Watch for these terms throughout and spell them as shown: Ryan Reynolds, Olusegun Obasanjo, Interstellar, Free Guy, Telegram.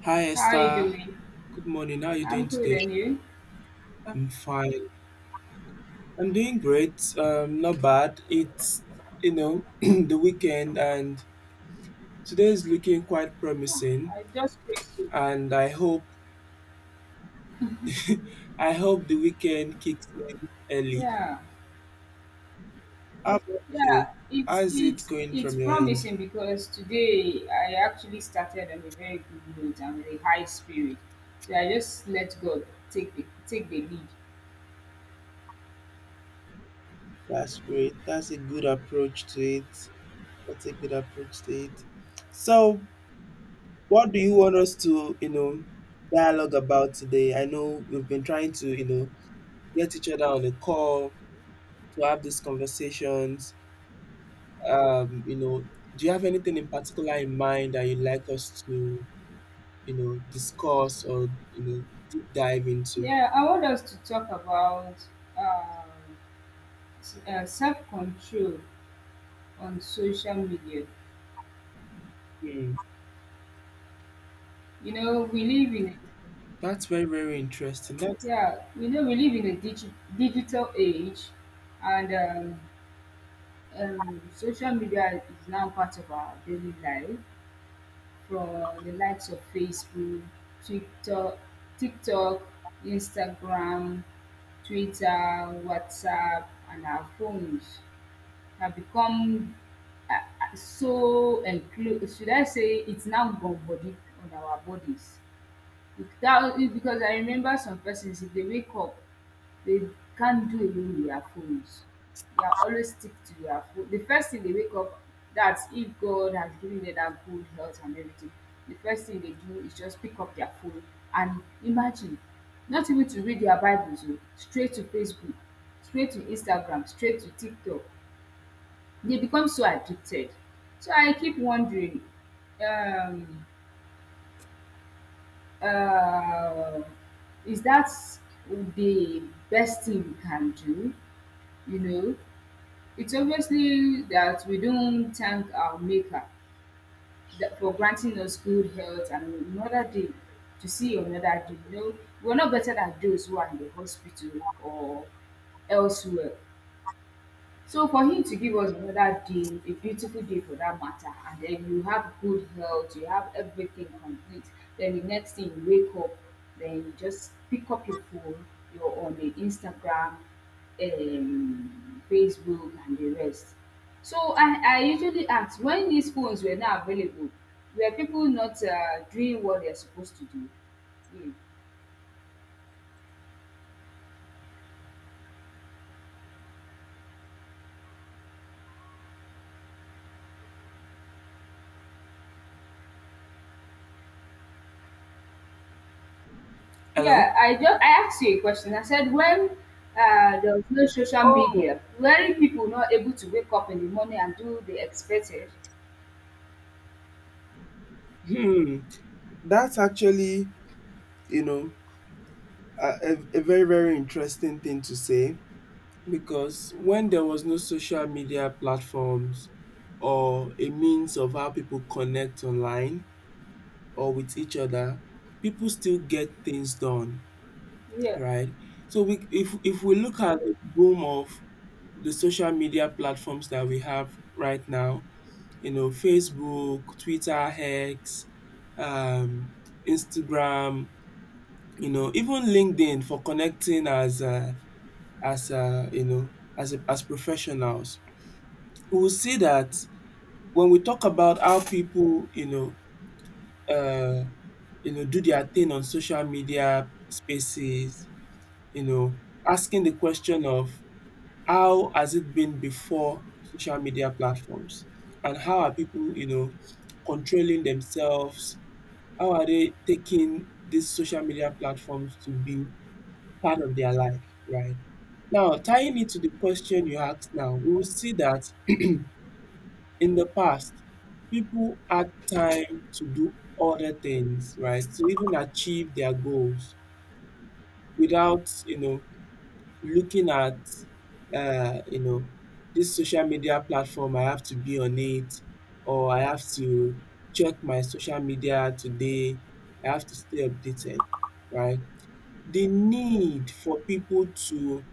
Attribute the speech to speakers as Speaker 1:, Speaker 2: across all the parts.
Speaker 1: Hi
Speaker 2: How are you
Speaker 1: Esther,
Speaker 2: doing?
Speaker 1: good morning. How are you
Speaker 2: I'm
Speaker 1: doing
Speaker 2: good,
Speaker 1: today?
Speaker 2: and you?
Speaker 1: I'm fine. I'm doing great. Not bad. It's the weekend, and today is looking quite promising.
Speaker 2: I just praise you.
Speaker 1: And I hope the weekend kicks in early.
Speaker 2: Yeah,
Speaker 1: How about you?
Speaker 2: yeah. It's
Speaker 1: How's it
Speaker 2: it's
Speaker 1: going
Speaker 2: it's
Speaker 1: from your end?
Speaker 2: promising because today I actually started on a very good note and with a high spirit. So I just let God take the lead.
Speaker 1: That's great. That's a good approach to it. That's a good approach to it. So, what do you want us to, dialogue about today? I know we've been trying to, get each other on a call to have these conversations. Um, you know, do you have anything in particular in mind that you'd like us to, discuss or, deep dive into?
Speaker 2: Yeah, I want us to talk about um, self control on social media.
Speaker 1: Hmm.
Speaker 2: You know, we live in
Speaker 1: That's very, very interesting. That's
Speaker 2: yeah, you know, we live in a digital age, and um, social media is now part of our daily life from the likes of Facebook, Twitter, TikTok, Instagram, Twitter, WhatsApp, and our phones have become so enclosed. Should I say it's now gone body on our bodies? That is because I remember some persons if they wake up, they can't do away with their phones. They are always stick to their phone. The first thing they wake up, that's if God has given them that good health and everything, the first thing they do is just pick up their phone and imagine, not even to read their Bibles o, straight to Facebook, straight to Instagram, straight to TikTok. They become so addicted. So I keep wondering um uh, is that the best thing we can do? You know, it's obviously that we don't thank our maker that for granting us good health and another day to see another day. You know, we're not better than those who are in the hospital or elsewhere. So for him to give us another day, a beautiful day for that matter, and then you have good health, you have everything complete. Then the next thing you wake up, then you just pick up your phone, you're on the Instagram, Facebook, and the rest. So I usually ask when these phones were not available, were people not doing what they're supposed to do? Hmm. Yeah,
Speaker 1: hello.
Speaker 2: I asked you a question. I said when there was no social
Speaker 1: Oh,
Speaker 2: media, were people not able to wake up in the morning and do the expected?
Speaker 1: hmm. That's actually, you know, a, a very, very interesting thing to say because when there was no social media platforms or a means of how people connect online, or with each other, people still get things done,
Speaker 2: Yeah,
Speaker 1: right? So we, if we look at the boom of the social media platforms that we have right now, Facebook, Twitter, X, um, Instagram, even LinkedIn for connecting as as professionals. We will see that when we talk about how people Uh, do their thing on social media spaces, you know, asking the question of how has it been before social media platforms and how are people, controlling themselves? How are they taking these social media platforms to be part of their life, right? Now, tying it to the question you asked now, we will see that in the past, people had time to do other things, right, to even achieve their goals, without, looking at uh, you know, this social media platform. I have to be on it, or I have to check my social media today. I have to stay updated, right? The need for people to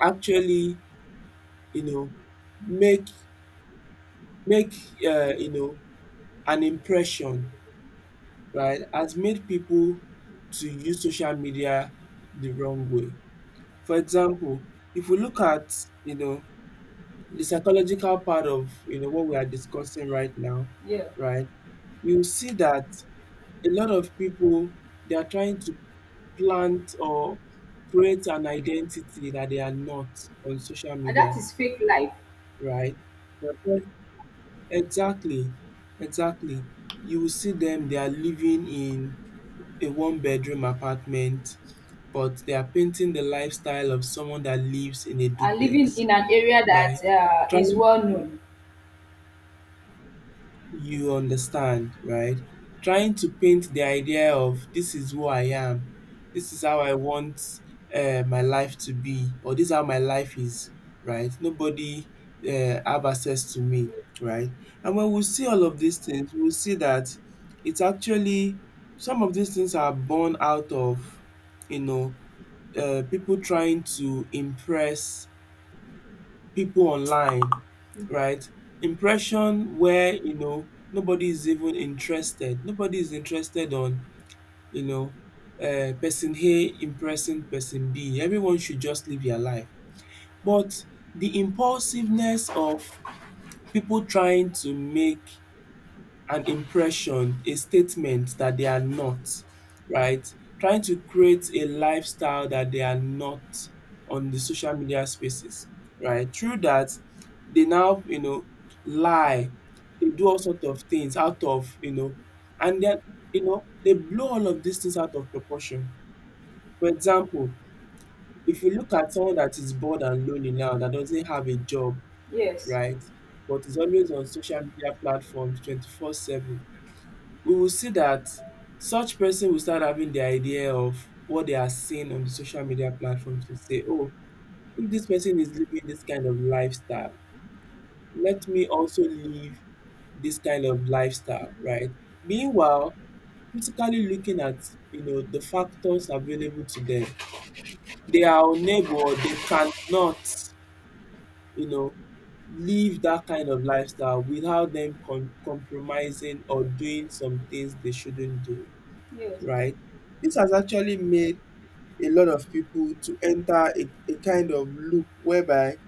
Speaker 1: actually, you know, make make uh, you know an impression, right, has made people to use social media the wrong way. For example, if we look at you know the psychological part of what we are discussing right now,
Speaker 2: yeah,
Speaker 1: right? You see that a lot of people, they are trying to plant or create an identity that they are not, on social
Speaker 2: and that
Speaker 1: media,
Speaker 2: is fake life.
Speaker 1: right? They're try- Exactly, exactly. You will see them, they are living in a one bedroom apartment, but they are painting the lifestyle of someone that lives in a
Speaker 2: And living
Speaker 1: duplex,
Speaker 2: in an area that
Speaker 1: right?
Speaker 2: is
Speaker 1: Trying,
Speaker 2: well known.
Speaker 1: you understand, right? Trying to paint the idea of, this is who I am, this is how I want my life to be, or this is how my life is, right? Nobody have access to me, right? And when we see all of these things, we will see that it's actually, some of these things are born out of you know people trying to impress people online, right? Impression where nobody is even interested. Nobody is interested on you know person A impressing person B. Everyone should just live their life. But the impulsiveness of people trying to make an impression, a statement that they are not, right? Trying to create a lifestyle that they are not, on the social media spaces, right? Through that, they now, lie. They do all sort of things out of, and then, they blow all of these things out of proportion. For example, if we look at someone that is bored and lonely now, that doesn't have a job,
Speaker 2: Yes,
Speaker 1: right, but is always on social media platforms 24/7, we will see that such person will start having the idea of what they are seeing on the social media platforms to say, oh, if this person is living this kind of lifestyle, let me also live this kind of lifestyle, right? Meanwhile, critically looking at the factors available to them, they are unable, they cannot, you know, live that kind of lifestyle without them compromising or doing some things they shouldn't do,
Speaker 2: yes,
Speaker 1: right? This has actually made a lot of people to enter a kind of loop whereby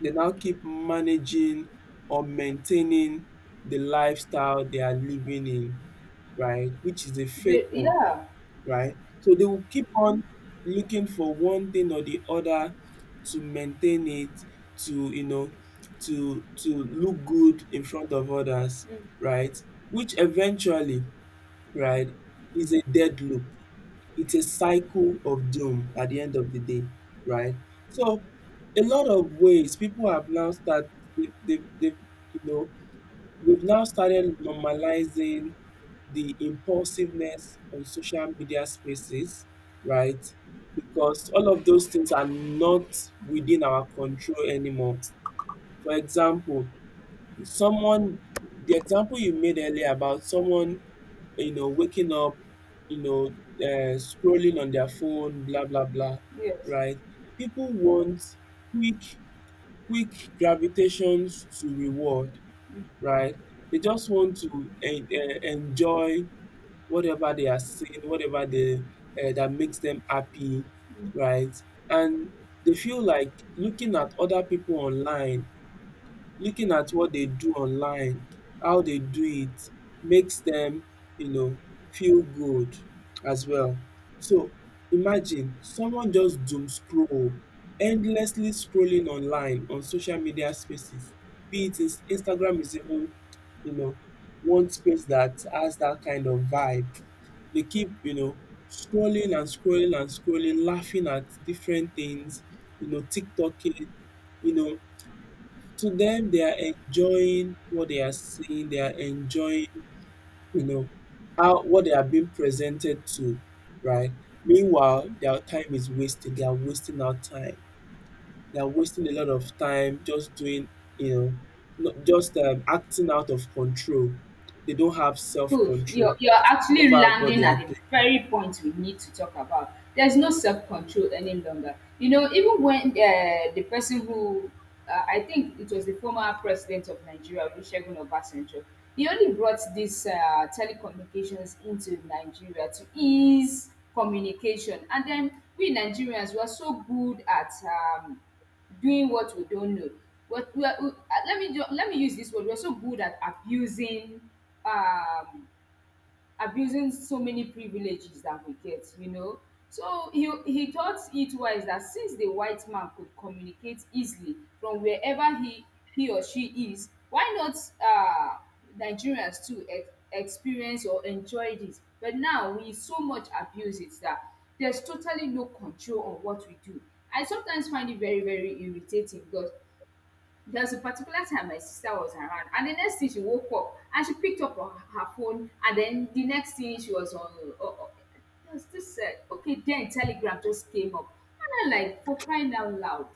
Speaker 1: they now keep managing or maintaining the lifestyle they are living in, right, which is a
Speaker 2: Ve-
Speaker 1: fake one,
Speaker 2: yeah,
Speaker 1: right? So they will keep on looking for one thing or the other to maintain it, to you know, to look good in front of others,
Speaker 2: mm,
Speaker 1: right? Which eventually, right, is a dead loop. It's a cycle of doom at the end of the day, right? So a lot of ways people have now start they you know we've now started normalizing the impulsiveness on social media spaces, right? Because all of those things are not within our control anymore. For example, someone the example you made earlier about someone waking up, you know scrolling on their phone, blah blah blah,
Speaker 2: yes.
Speaker 1: right? People want quick quick gravitations to reward, right? They just want to enjoy whatever they are seeing, whatever, they that makes them happy, right? And they feel like looking at other people online, looking at what they do online, how they do it, makes them, you know, feel good as well. So imagine someone just doom scroll, endlessly scrolling online on social media spaces. Be it, is Instagram is even, you know, one space that has that kind of vibe. They keep, scrolling and scrolling and scrolling, laughing at different things, TikToking, you know, to them, they are enjoying what they are seeing, they are enjoying, you know how, what they are being presented to, right? Meanwhile, their time is wasted. They are wasting our time. They are wasting a lot of time just doing, you know not just acting out of control. They don't have
Speaker 2: Coach,
Speaker 1: self-control
Speaker 2: you're actually
Speaker 1: over what
Speaker 2: landing
Speaker 1: they are
Speaker 2: at the
Speaker 1: doing.
Speaker 2: very point we need to talk about. There's no self-control any longer. You know, even when the person who I think it was the former president of Nigeria, Olusegun Obasanjo, he only brought this telecommunications into Nigeria to ease communication, and then we Nigerians were so good at doing what we don't know. What we are, we, Let me use this word. We're so good at abusing um, abusing so many privileges that we get, you know. So he thought it wise that since the white man could communicate easily from wherever he or she is, why not uh, Nigerians too experience or enjoy this? But now we so much abuse it that there's totally no control on what we do. I sometimes find it very, very irritating because there was a particular time my sister was around, and the next thing she woke up and she picked up her phone, and then the next thing she was on. Uh, uh, there was this okay, then Telegram just came up, and I'm like, for crying out loud.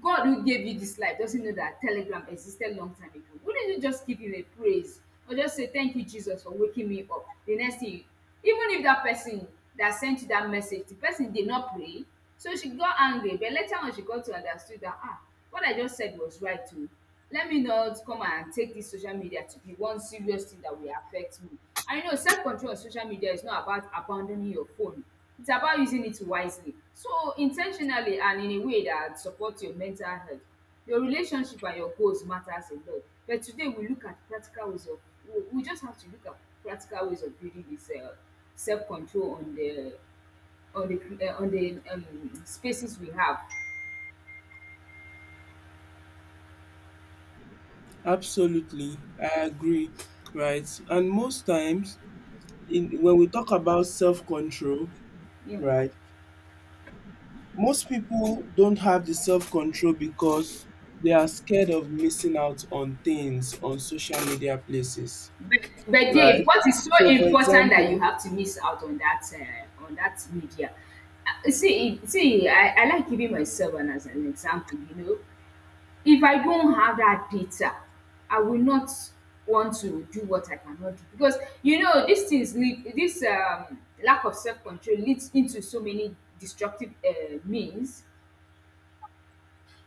Speaker 2: God who gave you this life doesn't know that Telegram existed long time ago. Wouldn't you just give him a praise or just say thank you Jesus for waking me up? The next thing, even if that person that sent you that message, the person did not pray, so she got angry. But later on, she got to understood that ah, what I just said was right too. Let me not come and take this social media to be one serious thing that will affect me. I know self control on social media is not about abandoning your phone. It's about using it wisely. So intentionally and in a way that supports your mental health. Your relationship and your goals matters a lot. But today we look at practical ways of we just have to look at practical ways of building this self control on on the the spaces we have.
Speaker 1: Absolutely, I agree, right? And most times, in when we talk about self-control,
Speaker 2: Yeah.
Speaker 1: right, most people don't have the self-control because they are scared of missing out on things on social media places,
Speaker 2: But but Dave,
Speaker 1: right?
Speaker 2: what is so
Speaker 1: So for
Speaker 2: important that you
Speaker 1: example,
Speaker 2: have to miss out on that media? See, see, I like giving myself as an example. You know, if I don't have that data, I will not want to do what I cannot do because you know these things lead this lack of self control leads into so many destructive means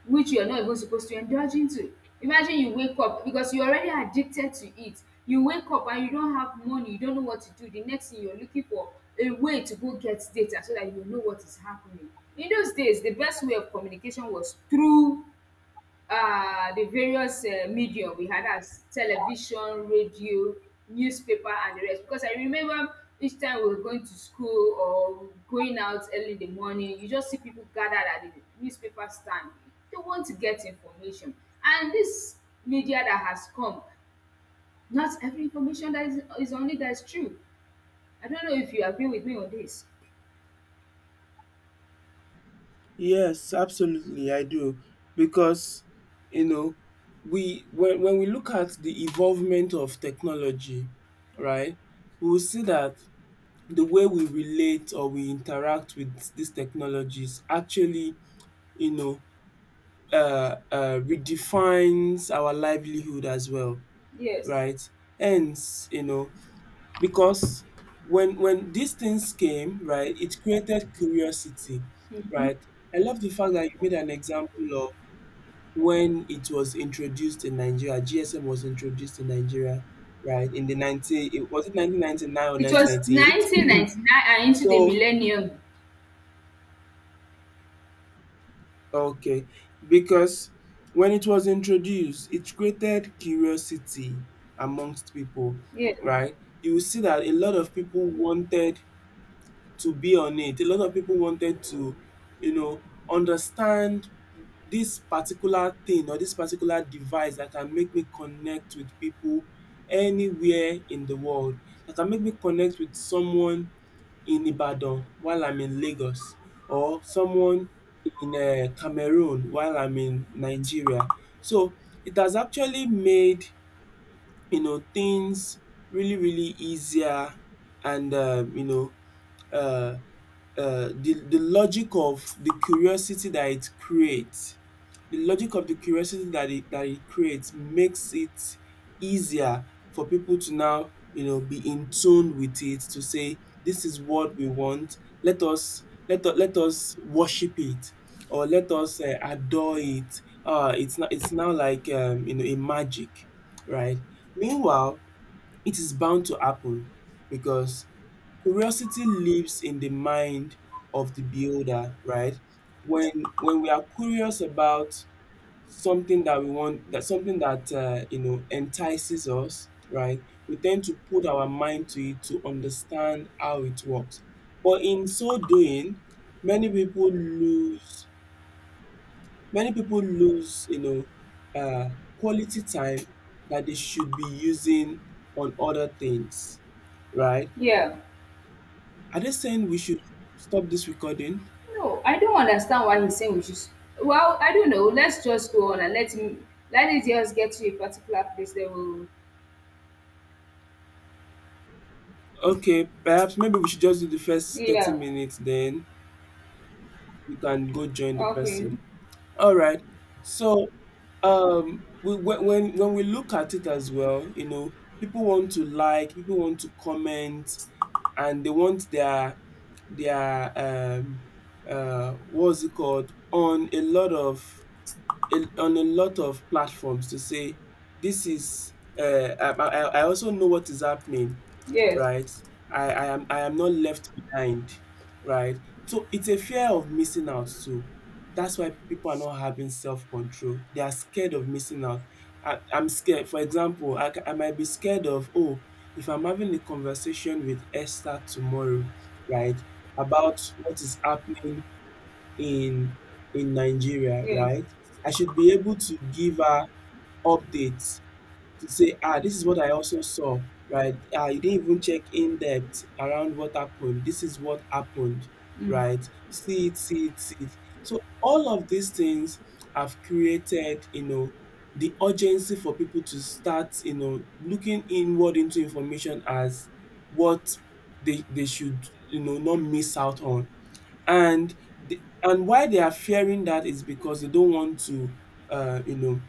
Speaker 2: which you're not even supposed to indulge into. Imagine you wake up because you're already addicted to it. You wake up and you don't have money, you don't know what to do. The next thing you're looking for a way to go get data so that you know what is happening. In those days, the best way of communication was through the various medium we had as television, radio, newspaper, and the rest. Because I remember each time we were going to school or going out early in the morning, you just see people gathered at the newspaper stand. They want to get information. And this media that has come, not every information is on it that is true. I don't know if you agree with me on this.
Speaker 1: yes, absolutely I do, because you know we when we look at the evolvement of technology, right? We will see that the way we relate or we interact with these technologies actually, you know, redefines our livelihood as well,
Speaker 2: Yes.
Speaker 1: right? Hence, because when these things came, right, it created curiosity, right? I love the fact that you made an example of when it was introduced in Nigeria. GSM was introduced in Nigeria, right, in the nineteen it was it 1999 or
Speaker 2: It
Speaker 1: nineteen
Speaker 2: was
Speaker 1: ninety eight.
Speaker 2: 1999 and into the
Speaker 1: So
Speaker 2: millennium.
Speaker 1: okay, because when it was introduced, it created curiosity amongst people,
Speaker 2: Yeah.
Speaker 1: right? You will see that a lot of people wanted to be on it. A lot of people wanted to, you know, understand this particular thing or this particular device that can make me connect with people anywhere in the world, that can make me connect with someone in Ibadan while I'm in Lagos, or someone in Cameroon while I'm in Nigeria. So it has actually made, things really really easier. And uh the logic of the curiosity that it creates, the logic of the curiosity that it creates, makes it easier for people to now, be in tune with it, to say, this is what we want. Let us let us let us worship it, or let us adore it. Uh it's not it's now like, a magic, right? Meanwhile, it is bound to happen because curiosity lives in the mind of the beholder, right? When when we are curious about something that we want, that something that entices us, right? We tend to put our mind to it to understand how it works. But in so doing, many people lose many people lose, quality time that they should be using on other things, right?
Speaker 2: Yeah.
Speaker 1: Are they saying we should stop this recording?
Speaker 2: No, I don't understand why he's saying we should. S- Well, I don't know. Let's just go on and let him. Let it just get to a particular place. Then we'll.
Speaker 1: Okay, perhaps maybe we should just do the first 30
Speaker 2: Yeah.
Speaker 1: minutes, then you can go join the
Speaker 2: Okay.
Speaker 1: person. All right. So, we, when we look at it as well, people want to, like, people want to comment, and they want their what's it called, on a lot of, in on a lot of platforms, to say, this is, I also know what is happening,
Speaker 2: Yes.
Speaker 1: right? I am not left behind, right? So it's a fear of missing out too. That's why people are not having self-control. They are scared of missing out. I'm scared. For example, I might be scared of, oh, if I'm having a conversation with Esther tomorrow, right, about what is happening in, Nigeria,
Speaker 2: Yeah.
Speaker 1: right? I should be able to give her updates, to say, ah, this is what I also saw, right? Ah, you didn't even check in depth around what happened. This is what happened,
Speaker 2: Mm.
Speaker 1: right? See it, see it, see it. So all of these things have created, the urgency for people to start, looking inward into information, as what they should, not miss out on. And and why they are fearing that is because uh, you know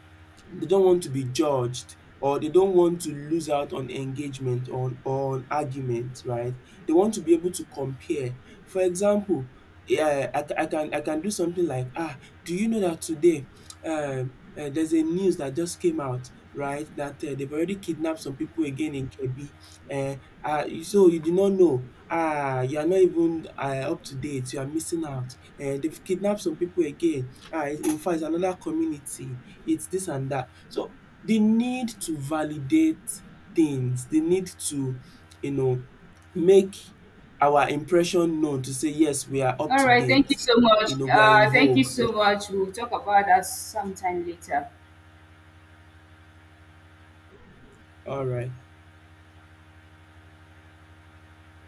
Speaker 1: they don't want to be judged, or they don't want to lose out on engagement, or on, argument, right? They want to be able to compare. For example, yeah, I can do something like, do you know that today, there's a news that just came out, right, that they've already kidnapped some people again in K. B. um so you did not know, ah, you are not even, up to date, you are missing out. They have kidnapped some people again, infact it's another community. It's this and that. So the need to validate things, the need to, you know make our impression known, to say, yes, we are up
Speaker 2: All
Speaker 1: to
Speaker 2: right. Thank you
Speaker 1: date,
Speaker 2: so much.
Speaker 1: we are in
Speaker 2: Thank you
Speaker 1: vogue.
Speaker 2: so much. We'll talk about that sometime later.
Speaker 1: Alright.